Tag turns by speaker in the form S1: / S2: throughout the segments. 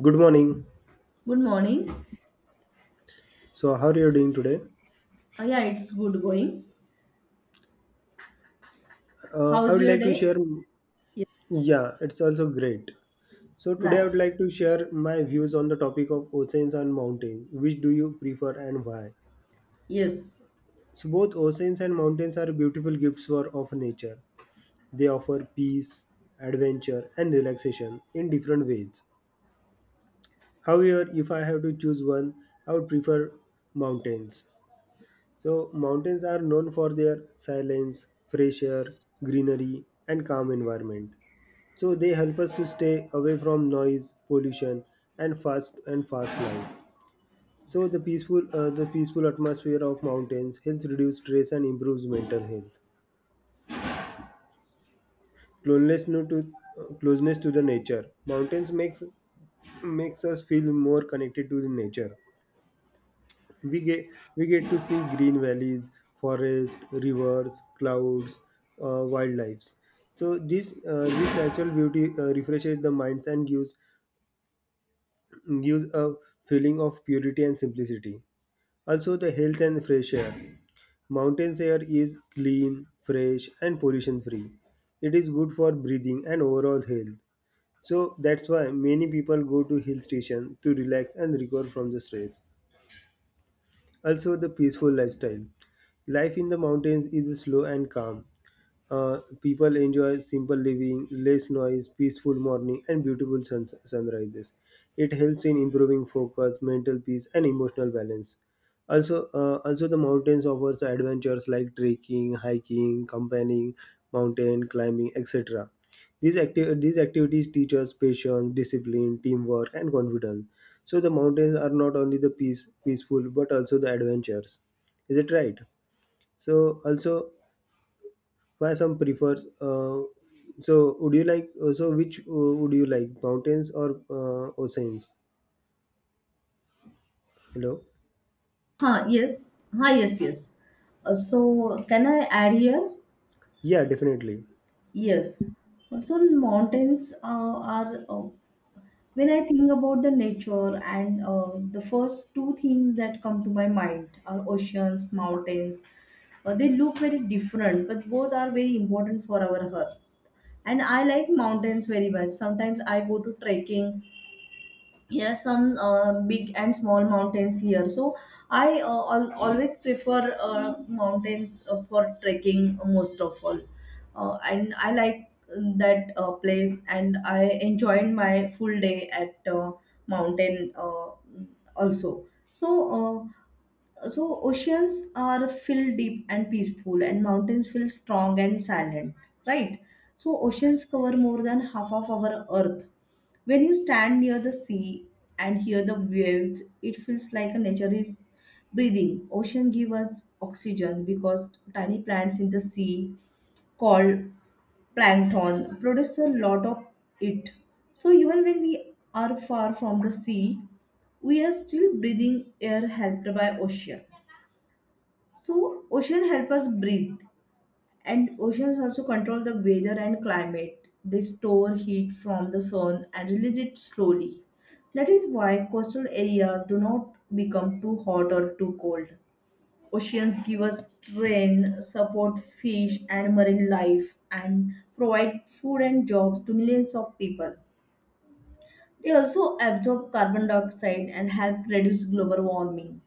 S1: Good morning.
S2: Good morning.
S1: So, how are you doing today?
S2: Yeah, it's good going.
S1: I
S2: How's
S1: would
S2: your
S1: like to
S2: day?
S1: share.
S2: Yes,
S1: Yeah, it's also great. So, today I would
S2: nice.
S1: like to share my views on the topic of oceans and mountains. Which do you prefer and why?
S2: Yes.
S1: So, both oceans and mountains are beautiful gifts for, of nature. They offer peace, adventure, and relaxation in different ways. However, if I have to choose one, I would prefer mountains. So, mountains are known for their silence, fresh air, greenery, and calm environment. So they help us to stay away from noise, pollution, and fast life. So the peaceful atmosphere of mountains helps reduce stress and improves mental health. Closeness no- to Closeness to the nature. Mountains makes us feel more connected to the nature. We get we get to see green valleys, forests, rivers, clouds, wildlife. So this natural beauty refreshes the minds and gives a feeling of purity and simplicity. Also, the health and fresh air. Mountains air is clean, fresh, and pollution free. It is good for breathing and overall health. So that's why many people go to hill station to relax and recover from the stress. Also, the peaceful lifestyle. Life in the mountains is slow and calm. People enjoy simple living, less noise, peaceful morning, and beautiful sunrises. It helps in improving focus, mental peace, and emotional balance. Also, also the mountains offers adventures like trekking, hiking, camping, mountain climbing, etc. These activities teach us patience, discipline, teamwork, and confidence. So the mountains are not only the peaceful but also the adventures. Is it right? So also why some prefers so would you like so which would you like mountains or oceans hello
S2: Huh, yes. Huh, yes, yes. So, can I add here?
S1: yeah definitely
S2: Yes. So, mountains are, when I think about the nature, and the first two things that come to my mind are oceans, mountains. They look very different, but both are very important for our health. And I like mountains very much. Sometimes I go to trekking. Here are some big and small mountains here, so I always prefer mountains for trekking most of all, and I like that place, and I enjoyed my full day at mountain also. So uh, so oceans are filled deep and peaceful, and mountains feel strong and silent, right? So oceans cover more than half of our earth. When you stand near the sea and hear the waves, it feels like a nature is breathing. Ocean give us oxygen because tiny plants in the sea called plankton produce a lot of it. So even when we are far from the sea, we are still breathing air helped by ocean. So ocean help us breathe, and oceans also control the weather and climate. They store heat from the sun and release it slowly. That is why coastal areas do not become too hot or too cold. Oceans give us strength, support fish and marine life, and provide food and jobs to millions of people. They also absorb carbon dioxide and help reduce global warming.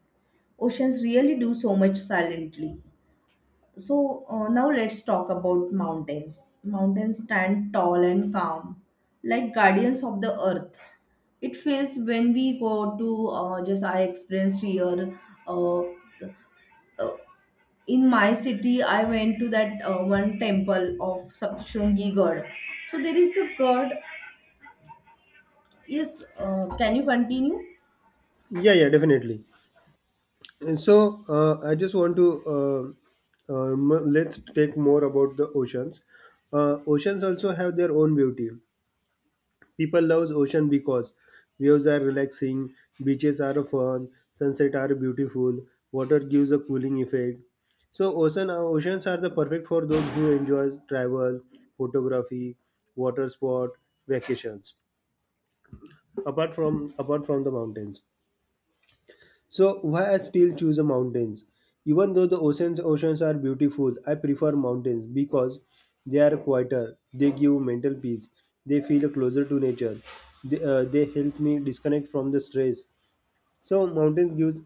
S2: Oceans really do so much silently. So now let's talk about mountains. Mountains stand tall and calm, like guardians of the earth. It feels when we go to, just I experienced here uh, in my city. I went to that one temple of Saptashungi God. So there is a god. Yes, can you continue?
S1: yeah yeah definitely and so I just want to uh, m- let's take more about the oceans oceans also have their own beauty. People love ocean because waves are relaxing, beaches are fun, sunset are beautiful, water gives a cooling effect. So oceans are the perfect for those who enjoy travel, photography, water sport, vacations. Apart from the mountains. So why I still choose the mountains? Even though the oceans are beautiful, I prefer mountains because they are quieter. They give mental peace. They feel closer to nature. They help me disconnect from the stress. So mountains gives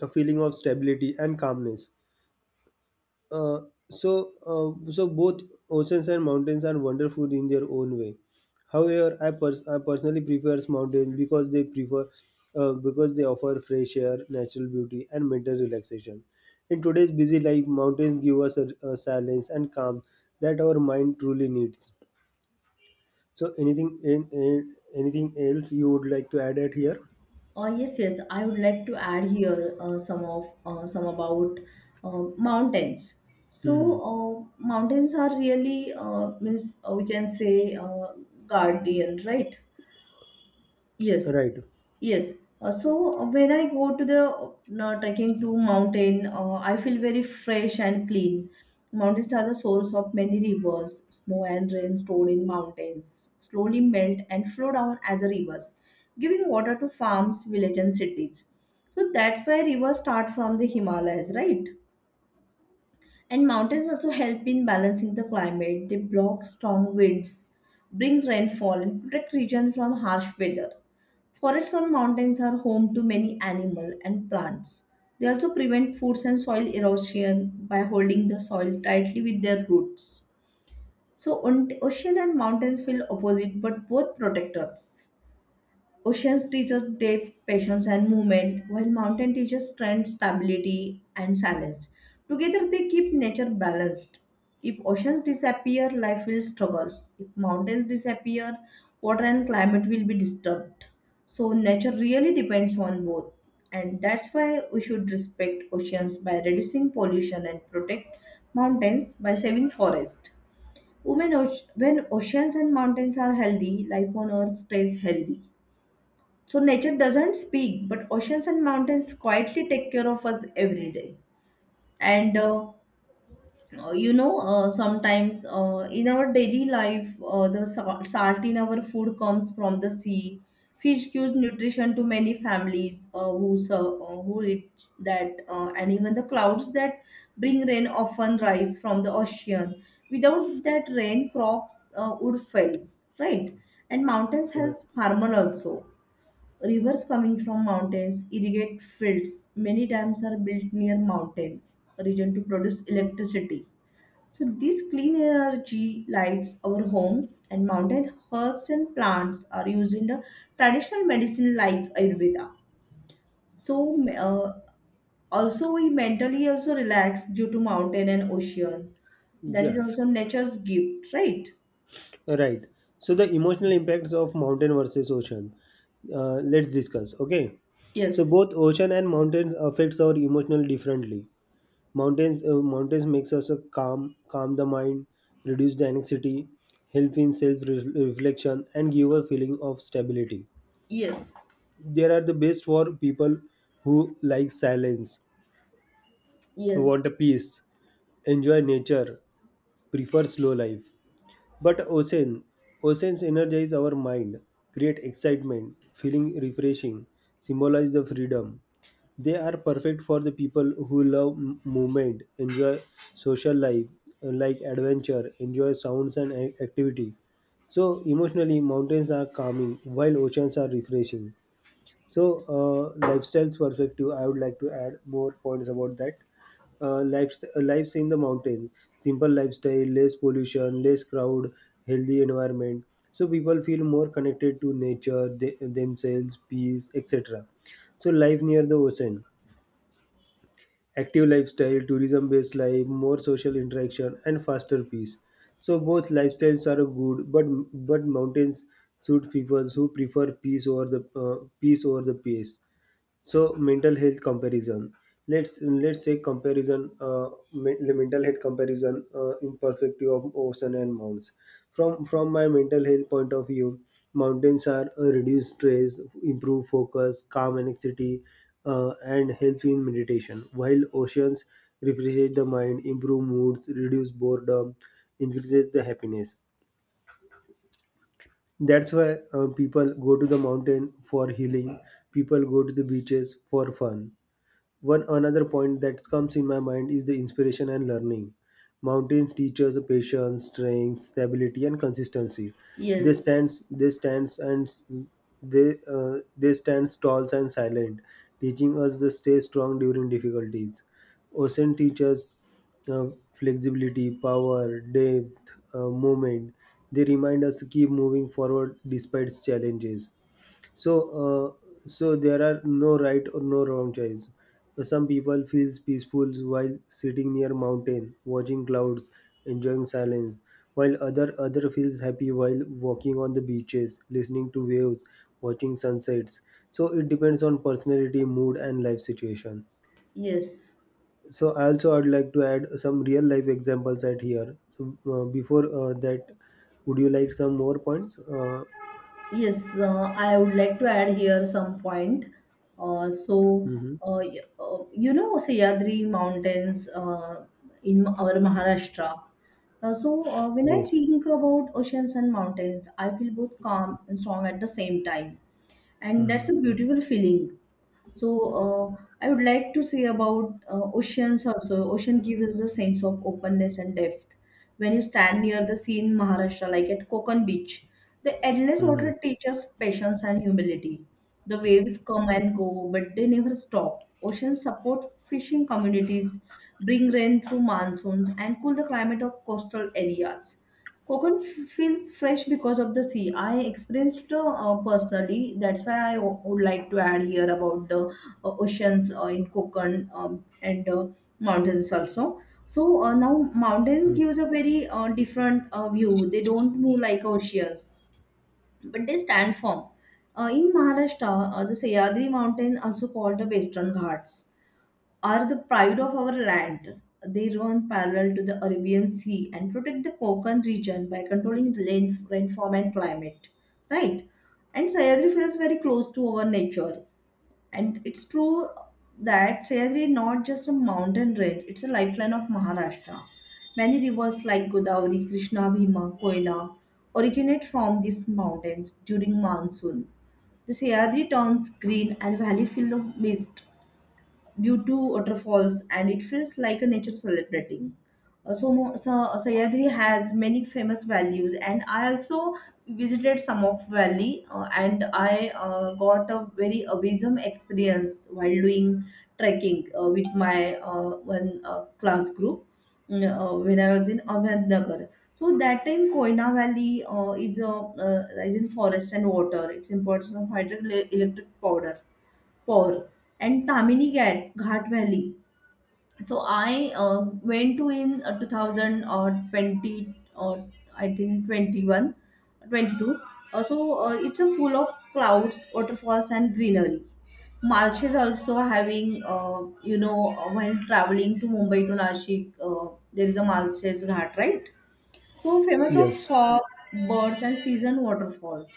S1: a feeling of stability and calmness. Uh, so both oceans and mountains are wonderful in their own way. However, I personally prefer mountains because they prefer because they offer fresh air, natural beauty, and mental relaxation. In today's busy life, mountains give us a silence and calm that our mind truly needs. So, anything anything else you would like to add at here?
S2: Yes, yes. I would like to add here some of some about mountains. So
S1: Hmm.
S2: uh, mountains are really, means, we can say guardian, right? Yes,
S1: Right.
S2: yes. So when I go to the, trekking to mountain, I feel very fresh and clean. Mountains are the source of many rivers. Snow and rain stored in mountains slowly melt and flow down as a rivers, giving water to farms, villages, and cities. So that's why rivers start from the Himalayas, right? And mountains also help in balancing the climate. They block strong winds, bring rainfall, and protect regions from harsh weather. Forests on mountains are home to many animals and plants. They also prevent foods and soil erosion by holding the soil tightly with their roots. So, ocean and mountains feel opposite, but both protect us. Oceans teaches depth, patience, and movement, while mountain teaches strength, stability, and silence. Together, they keep nature balanced. If oceans disappear, life will struggle. If mountains disappear, water and climate will be disturbed. So, nature really depends on both. And that's why we should respect oceans by reducing pollution and protect mountains by saving forest. Women, when oceans and mountains are healthy, life on earth stays healthy. So nature doesn't speak, but oceans and mountains quietly take care of us every day. And sometimes, in our daily life, the salt in our food comes from the sea. Fish gives nutrition to many families, who eats that, and even the clouds that bring rain often rise from the ocean. Without that rain, crops would fail, right? And mountains help
S1: Right.
S2: farmer also. Rivers coming from mountains irrigate fields. Many dams are built near mountain region to produce electricity. So this clean energy lights our homes, and mountain herbs and plants are used in the traditional medicine like Ayurveda. So also we mentally also relax due to mountain and ocean. That is
S1: Yes.
S2: also nature's gift, right?
S1: Right. So the emotional impacts of mountain versus ocean. Let's discuss. Okay. So
S2: Yes.
S1: both ocean and mountains affects our emotional differently. Mountains makes us calm the mind, reduce the anxiety, help in self reflection, and give a feeling of stability.
S2: Yes.
S1: They are the best for people who like silence, who
S2: Yes.
S1: want a peace, enjoy nature, prefer slow life. But oceans energize our mind, create excitement, feeling refreshing, symbolize the freedom. They are perfect for the people who love movement, enjoy social life, like adventure, enjoy sounds and activity. So emotionally, mountains are calming while oceans are refreshing. So, lifestyle's perspective, I would like to add more points about that. Lives in the mountain, simple lifestyle, less pollution, less crowd, healthy environment. So people feel more connected to nature, they, themselves, peace, etc. So life near the ocean, active lifestyle, tourism-based life, more social interaction, and faster pace. So both lifestyles are good, but mountains suit people who prefer peace over the pace. So mental health comparison. Let's say comparison, the mental health comparison in perspective of ocean and mountains. From my mental health point of view, mountains are reduce stress, improve focus, calm anxiety, and help in meditation. While oceans refresh the mind, improve moods, reduce boredom, increases the happiness. That's why people go to the mountain for healing. People go to the beaches for fun. One another point that comes in my mind is the inspiration and learning. Mountains teach us patience, strength, stability, and consistency. They
S2: Yes.
S1: stands, they stands, and s- they stand tall and silent, teaching us to stay strong during difficulties. Ocean teaches uh, flexibility, power, depth, movement. They remind us to keep moving forward despite challenges. So, so there are no right or no wrong choice. Some people feels peaceful while sitting near mountain, watching clouds, enjoying silence, while other feels happy while walking on the beaches, listening to waves, watching sunsets. So it depends on personality, mood, and life situation.
S2: Yes.
S1: So also I'd like to add some real life examples at here. So before that, would you like some more points?
S2: Yes, I would like to add here some point. Uh, so,
S1: Mhm.
S2: Sahyadri Mountains in our Maharashtra. So, when I
S1: Yes.
S2: think about oceans and mountains, I feel both calm and strong at the same time. And
S1: Hmm.
S2: that's a beautiful feeling. So, I would like to say about oceans also. Ocean gives us a sense of openness and depth. When you stand near the sea in Maharashtra, like at Konkan Beach, the endless
S1: Hmm.
S2: water teaches patience and humility. The waves come and go, but they never stop. Oceans support fishing communities, bring rain through monsoons, and cool the climate of coastal areas. Coconut feels fresh because of the sea. I experienced it personally. That's why I would like to add here about the oceans in Konkan, and mountains also. So now mountains gives a very different view. They don't move like oceans, but they stand firm. In Maharashtra, the Sahyadri mountain, also called the Western Ghats, are the pride of our land. They run parallel to the Arabian Sea and protect the Konkan region by controlling the rain, rainform, and climate. Right? And Sayadri feels very close to our nature. And it's true that Sayadri is not just a mountain range, it's a lifeline of Maharashtra. Many rivers like Godavari, Krishna, Bhima, Koila originate from these mountains during monsoon. The Sayadri turns green and valley filled with mist, due to waterfalls, and it feels like a nature celebrating. So Sahyadri has many famous values, and I also visited some of valley, and I got a very amazing experience while doing trekking with my one class group, when I was in Ahmednagar. So that time Koina Valley is in forest and water. It's important of hydroelectric powder Por, and Tamini Ghat, Valley. So I went to in 2000 or 20, or I think 21, 22. So it's a full of clouds, waterfalls, and greenery. Malche is also having, while traveling to Mumbai to Nashik, there is a Malche's Ghat, right? So famous of
S1: Yes.
S2: fog, birds, and season waterfalls.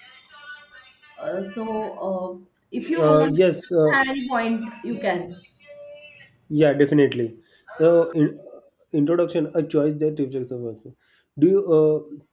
S2: Uh, so uh, if you want,
S1: Yes.
S2: if any point, you can.
S1: Yeah, definitely. In, introduction, a choice that gives us Do you? Uh,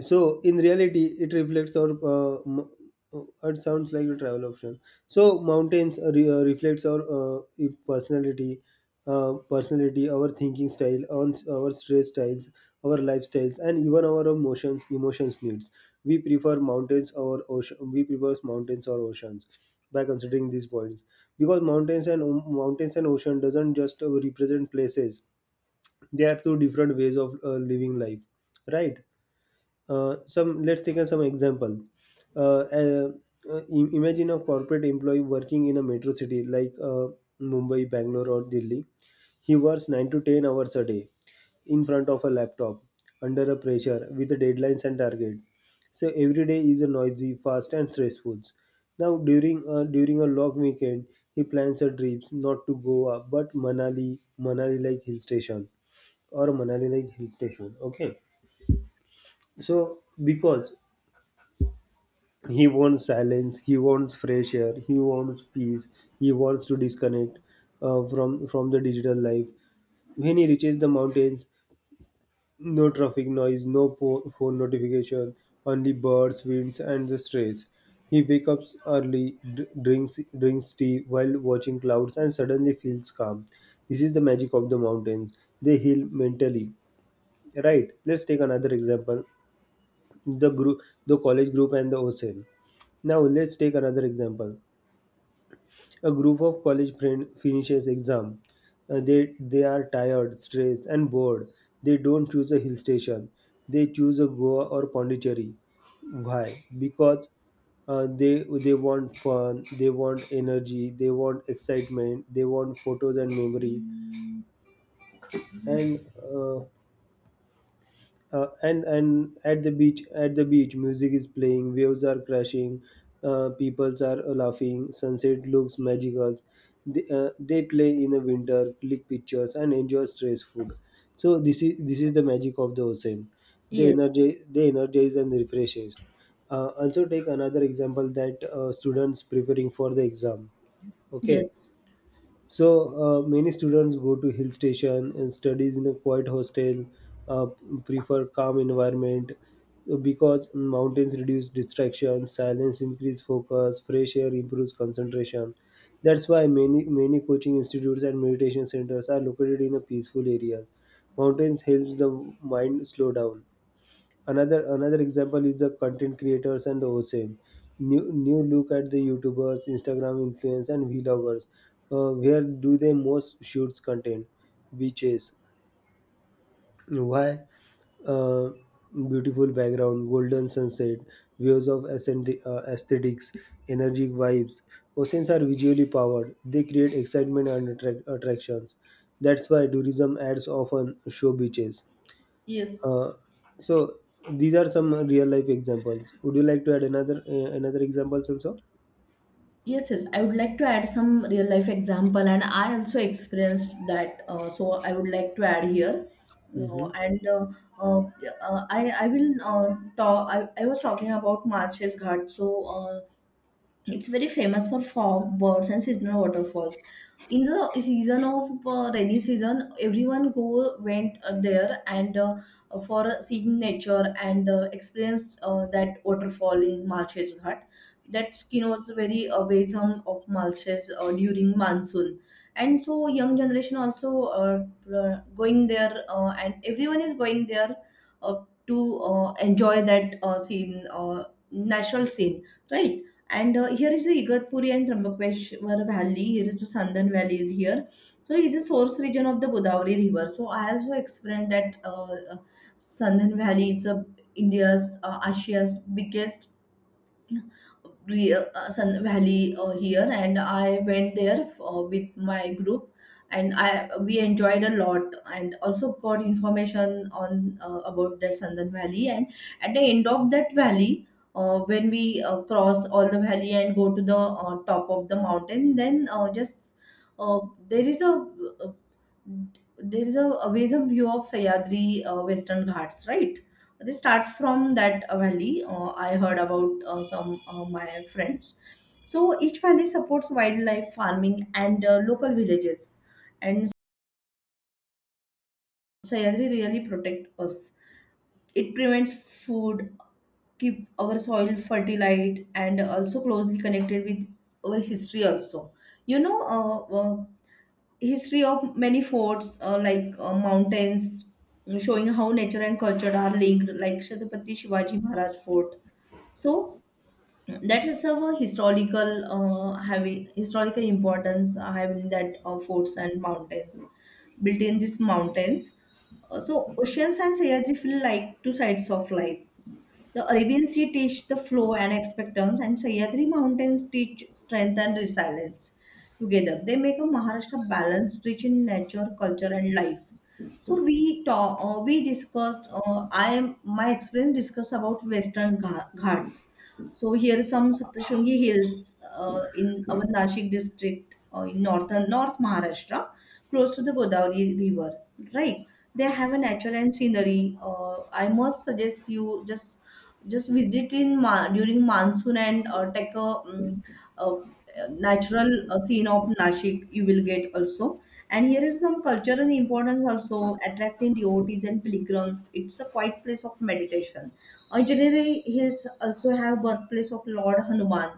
S1: So in reality, it reflects our. It sounds like a travel option. So mountains re- reflects our e- personality, personality, our thinking style, on our stress styles, our lifestyles, and even our emotions needs. We prefer mountains or oceans by considering these points because mountains and ocean doesn't just represent places. They are two different ways of living life, right? Some example. Uh, uh, Imagine a corporate employee working in a metro city like Mumbai, Bangalore, or Delhi. He works 9 to 10 hours a day in front of a laptop under a pressure with the deadlines and target. So every day is a noisy, fast, and stressful. Now during a long weekend, he plans a trip not to Goa but Manali, Manali like hill station or Manali like hill station. Okay, so because he wants silence. He wants fresh air. He wants peace. He wants to disconnect from the digital life. When he reaches the mountains, no traffic noise, no phone notification, only birds, winds, and the stress. He wakes up early, drinks tea while watching clouds, and suddenly feels calm. This is the magic of the mountains. They heal mentally. Right. Let's take another example the group the college group and the ocean now Let's take another example, a group of college friend finishes exam. They are tired, stressed, and bored. They don't choose a hill station. They choose a Goa or Pondicherry. Why? Because uh, they they want fun, they want energy, they want excitement, they want photos and memory. And and at the beach music is playing, waves are crashing, peoples are laughing, sunset looks magical. They play in the winter, click pictures, and enjoy stress food. So this is the magic of the ocean. they
S2: Yes,
S1: energize they energize and refreshes. Also take another example that students preparing for the exam. Okay,
S2: yes.
S1: so many students go to hill station and studies in a quiet hostel, uh, prefer calm environment because mountains reduce distraction, silence increase focus, fresh air improves concentration. That's why many coaching institutes and meditation centers are located in a peaceful area. Mountains helps the mind slow down. Another example is the content creators and the ocean. New look at the youtubers, Instagram influence, and vloggers. Where do they most shoots content? Beaches. Why? uh, Beautiful background, golden sunset, aesthetics, energetic vibes. Oceans are visually powered, they create excitement and attractions. That's why tourism ads often show beaches.
S2: Yes.
S1: uh, so these are some real life examples. Would you like to add another examples also?
S2: Yes, yes. I would like to add some real life example, and I also experienced that. So I would like to add here.
S1: Mm-hmm.
S2: And Yeah, I will talk. I was talking about Marches Ghat. Uh, It's very famous for fog, birds, and seasonal waterfalls. In the season of rainy season, everyone go went there, and for seeing nature, and experienced that waterfall in Malshez Ghat. That skin was very basin of Malshez during monsoon, and so young generation also going there, and everyone is going there to enjoy that scene, natural scene, right? And here is the Igatpuri and Trimbakeshwar Valley. Here is the Sandan Valley is here. So it is a source region of the Godavari River. So I also explained that, uh, Sandan Valley is a India's Asia's biggest Sun Valley here, and I went there with my group, and I we enjoyed a lot, and also got information on, about that Sandan Valley. And at the end of that valley, when we cross all the valley and go to the top of the mountain, then just uh, there is a uh, there is a view of Sayadri, Western Ghats, right? This starts from that valley. I heard about some, my friends. So each valley supports wildlife farming, and local villages, and Sayadri really protect us. It prevents food, keep our soil fertile, and also closely connected with our history. Also, you know, uh, uh, history of many forts like mountains, showing how nature and culture are linked, like Chhatrapati Shivaji Maharaj Fort. So that is of a historical, having historical importance, having that forts and mountains built in these mountains. So oceans and Sahyadri feel like two sides of life. The Arabian Sea teach the flow and expectance, and Sahyadri Mountains teach strength and resilience. Together, they make a Maharashtra balanced, rich in nature, culture, and life. So we discussed. I am my experience discussed about Western Ghats. So here are some Saptashungi hills in our Nashik district, in northern North Maharashtra, close to the Godavari River. Right, they have a nature and scenery. I must suggest you just visit in during monsoon and take a natural scene of Nashik you will get also. And here is some cultural importance also, attracting devotees and pilgrims. It's a quiet place of meditation. Itinerary hills also have birthplace of Lord Hanuman.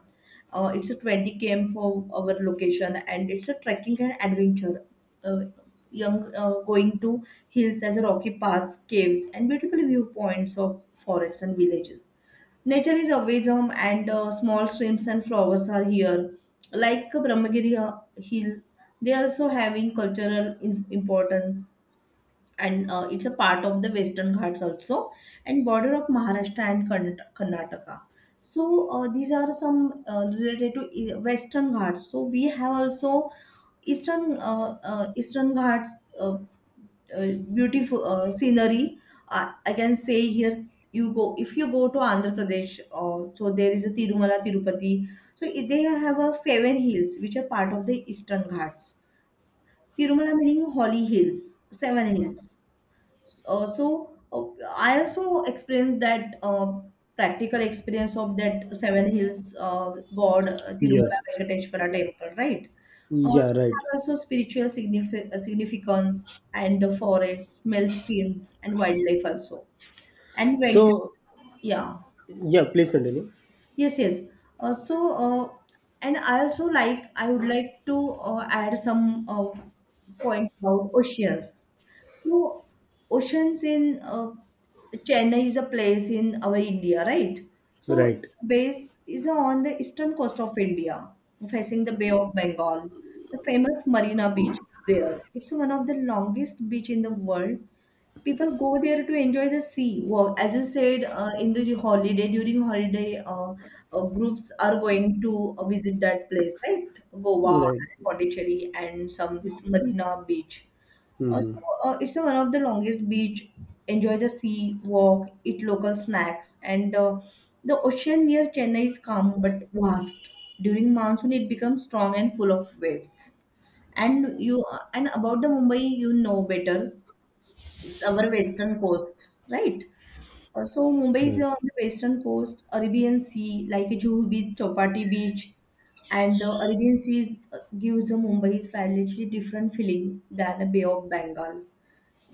S2: It's a 20 km for our location, and it's a trekking and adventure. uh, Young going to hills as a rocky paths, caves, and beautiful viewpoints of forests and villages. Nature is always home, and small streams and flowers are here. Like Brahmagiri Hill, they also having cultural importance, and it's a part of the Western Ghats also, and border of Maharashtra and Karnataka. So these are some related to Western Ghats. So we have also Eastern Eastern Ghats. Uh, beautiful scenery. I can say here you go, if you go to Andhra Pradesh, so there is a Tirumala Tirupati. So they have a seven hills which are part of the Eastern Ghats. Tirumala meaning holy hills, seven hills. uh, so uh, I also experienced that practical experience of that Seven Hills, God, Tirumala
S1: Yes.
S2: Venkateshwara temple, right?
S1: Yeah. Right.
S2: Have also spiritual significance, and the forests, mill streams, and wildlife also. And Venk,
S1: So
S2: yeah,
S1: yeah, please continue.
S2: yes, yes. Uh, so, uh, and I also like I would like to add some point about oceans. So, oceans in Chennai is a place in our India, right? So,
S1: Right.
S2: base is on the eastern coast of India, facing the Bay of Bengal. The famous Marina Beach is there. It's one of the longest beach in the world. People go there to enjoy the sea. Well, as you said, in the holiday, during holiday, groups are going to visit that place, right? Goa,
S1: Right.
S2: Pondicherry, and some this Marina Beach. Uh, so,
S1: Mm-hmm.
S2: it's a one of the longest beach. Enjoy the sea, walk, eat local snacks, and the ocean near Chennai is calm but vast. During monsoon, it becomes strong and full of waves. And you and about the Mumbai, you know better. It's our western coast, right? So Mumbai is
S1: Right.
S2: on the western coast, Arabian Sea, like Juhu Beach, Chopati Beach, and the Arabian Sea gives a Mumbai slightly different feeling than a Bay of Bengal.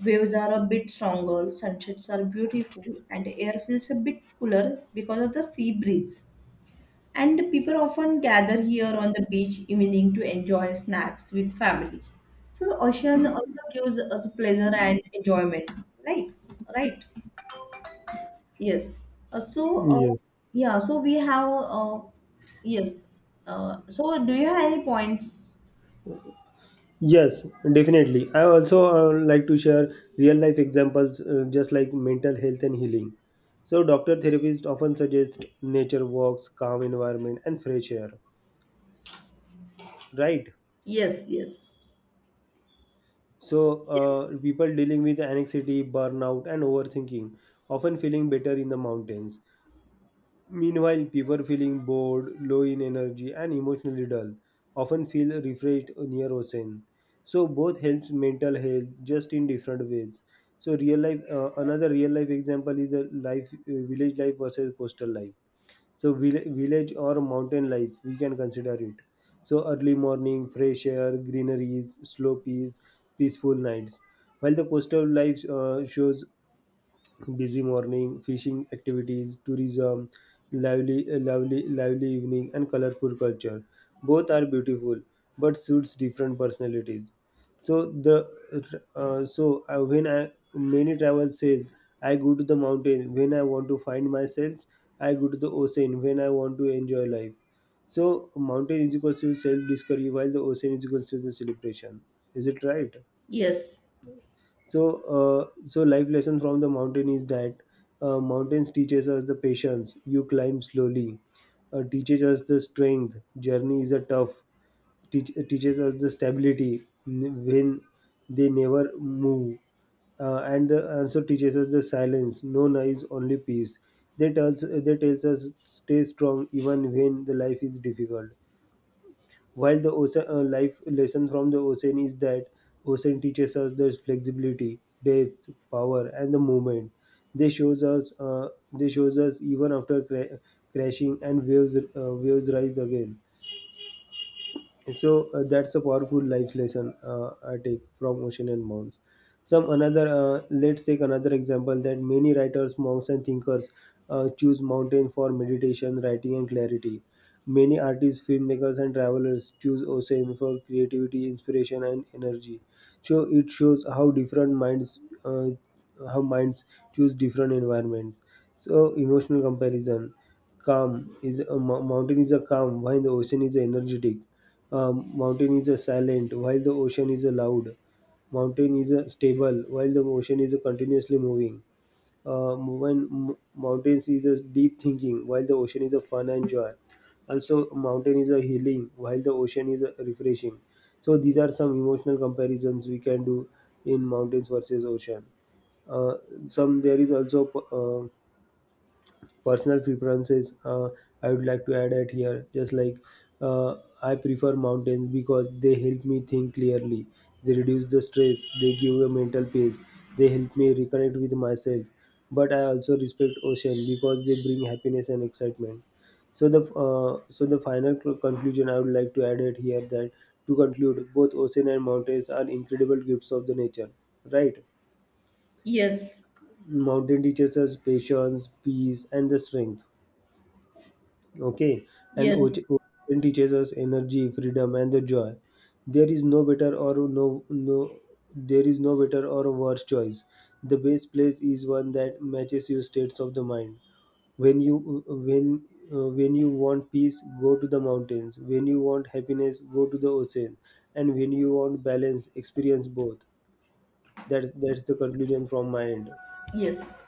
S2: Waves are a bit stronger, sunsets are beautiful, and air feels a bit cooler because of the sea breeze. And people often gather here on the beach evening to enjoy snacks with family. So the ocean also gives us pleasure and enjoyment, right? Right? Yes. Uh, so uh,
S1: Yeah.
S2: yeah. So we have yes. So do you have any points?
S1: Yes, definitely. I also like to share real life examples, just like mental health and healing. So, doctor therapists often suggest nature walks, calm environment, and fresh air. Right?
S2: Yes. Yes.
S1: So,
S2: Yes.
S1: people dealing with anxiety, burnout, and overthinking often feeling better in the mountains. Meanwhile, people feeling bored, low in energy, and emotionally dull often feel refreshed near ocean. So, both helps mental health just in different ways. So, real life, another real life example is the life, village life versus coastal life. So village or mountain life we can consider it. So early morning, fresh air, greeneries, slow peace, peaceful nights. While the coastal life shows busy morning, fishing activities, tourism, lively evening, and colorful culture. Both are beautiful, but suits different personalities. So the so I, when I many travel says, I go to the mountain when I want to find myself. I go to the ocean when I want to enjoy life. So mountain is equal to self discovery, while the ocean is equal to the celebration. Is it right?
S2: Yes.
S1: so so life lesson from the mountain is that mountains teaches us the patience, you climb slowly. Uh, teaches us the strength, journey is a tough. Teach, teaches us the stability when they never move. And the answer teaches us the silence, no noise, only peace. They tells they tells us stay strong even when the life is difficult. While the ocean, life lesson from the ocean is that ocean teaches us there's flexibility, depth, power, and the movement. They shows us even after crashing and waves, waves rise again. So that's a powerful life lesson I take from ocean and mounds. Some another, let's take another example, that many writers, monks, and thinkers choose mountain for meditation, writing, and clarity. Many artists, filmmakers, and travelers choose ocean for creativity, inspiration, and energy. So it shows how different minds, uh, how minds choose different environments. So emotional comparison, calm is a mountain is a calm while the ocean is energetic. Mountain is a silent while the ocean is a loud. Mountain is a stable while the ocean is a continuously moving. When mountains is a deep thinking while the ocean is a fun and joy. Also mountain is a healing while the ocean is a refreshing. So these are some emotional comparisons we can do in mountains versus ocean. uh, some, there is also uh, personal preferences. I would like to add at here. Just like, uh, I prefer mountains because they help me think clearly. They reduce the stress, they give a mental peace, they help me reconnect with myself. But I also respect ocean because they bring happiness and excitement. So the final conclusion I would like to add it here, that to conclude, both ocean and mountains are incredible gifts of the nature. Right?
S2: Yes.
S1: Mountain teaches us patience, peace, and the strength. Okay, and
S2: Yes.
S1: ocean teaches us energy, freedom, and the joy. There is no better or no, there is no better or worse choice. The best place is one that matches your states of the mind. When you when when you want peace, go to the mountains. When you want happiness, go to the ocean. And when you want balance, experience both. That's the conclusion from my end.
S2: Yes.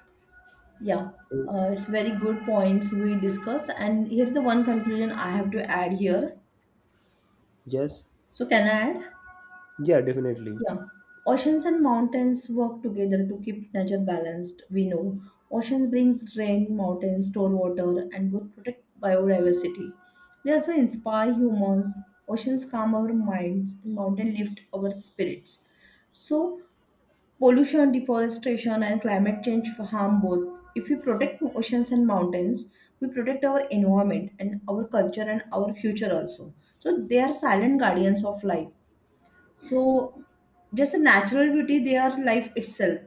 S2: Yeah, it's very good points we discuss, and here's the one conclusion I have to add here.
S1: Yes.
S2: So can I add?
S1: Yeah, definitely.
S2: Yeah, oceans and mountains work together to keep nature balanced. We know oceans brings rain, mountains store water, and both protect biodiversity. They also inspire humans. Oceans calm our minds, and mountain lift our spirits. So pollution, deforestation, and climate change harm both. If we protect oceans and mountains, we protect our environment and our culture and our future also. So they are silent guardians of life, so just a natural beauty, they are life itself,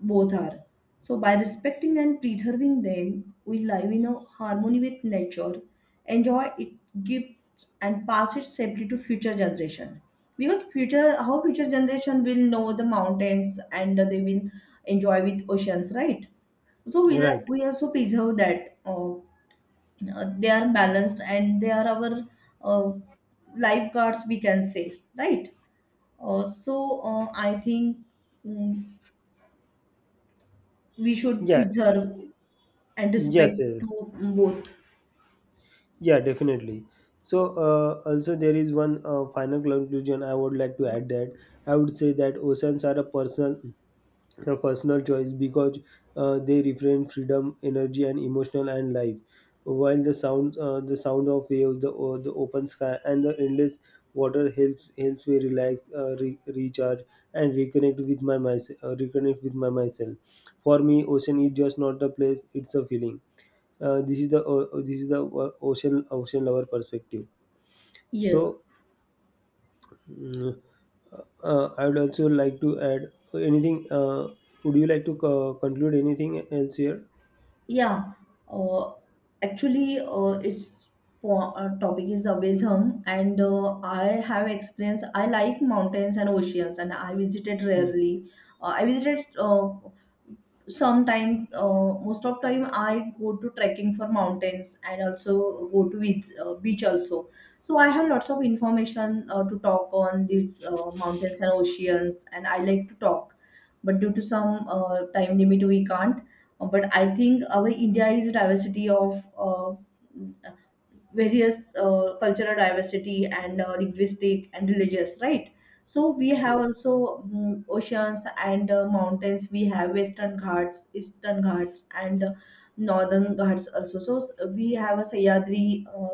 S2: both are. So by respecting and preserving them, we live in a harmony with nature, enjoy it gifts, and pass it safely to future generation. Because future, how future generation will know the mountains, and they will enjoy with oceans, right? so we
S1: Right.
S2: we also preserve that. They are balanced and they are our uh, lifeguards, we can say, right? I think, mm, we should
S1: Yeah.
S2: preserve and
S1: Yes,
S2: respect
S1: yes.
S2: to both.
S1: Yeah, definitely. So, also there is one final conclusion I would like to add, that I would say that oceans are a personal choice, because they refrain freedom, energy, and emotional and life. While the sound of waves, the o the open sky, and the endless water helps me relax, recharge, and reconnect with my myself. Reconnect with my myself. For me, ocean is just not a place; it's a feeling. This is the ocean lover perspective. So.
S2: Yes.
S1: Mm, I would also like to add anything. Would you like to conclude anything else here?
S2: Yeah. Uh, actually, its topic is abism, and I have experience. I like mountains and oceans, and I visited rarely. I visited sometimes, most of time I go to trekking for mountains and also go to beach, beach also. So I have lots of information to talk on these mountains and oceans, and I like to talk, but due to some time limit, we can't. But I think our india is a diversity of various cultural diversity, and linguistic and religious, right? So we have also, oceans and mountains. We have western ghats, eastern ghats, and northern ghats also. So we have a sayadri,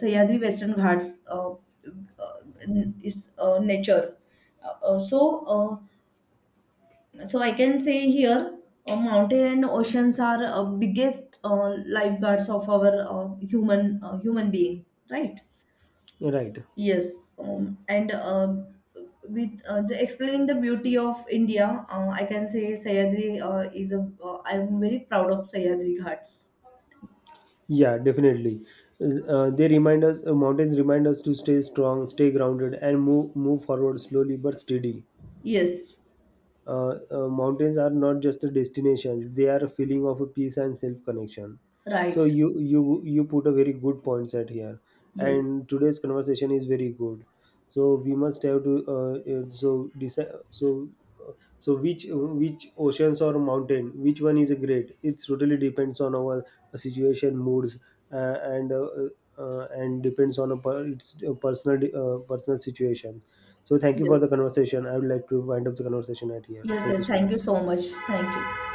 S2: sayadri western ghats, is nature. uh, uh, so uh, so I can say here, mountain and oceans are biggest lifeguards of our human human being, right?
S1: Right.
S2: Yes, and with the explaining the beauty of India, I can say Sayadri is a. I'm very proud of Sayadri Ghats.
S1: Yeah, definitely. They remind us. Mountains remind us to stay strong, stay grounded, and move forward slowly but steady.
S2: Yes,
S1: Mountains are not just a destination, they are a feeling of a peace and self connection. So
S2: right.
S1: you put a very good points at here,
S2: Yes,
S1: and today's conversation is very good. So we must have to so decide. So uh, so which oceans or mountain, which one is great, it totally depends on our situation, moods, uh, and uh, and depends on a it's a personal personal situation. So thank you for
S2: yes,
S1: the conversation. I would like to wind up the conversation at here.
S2: yes,
S1: Thank
S2: yes.
S1: you so
S2: Thank you
S1: much.
S2: so much. Thank you.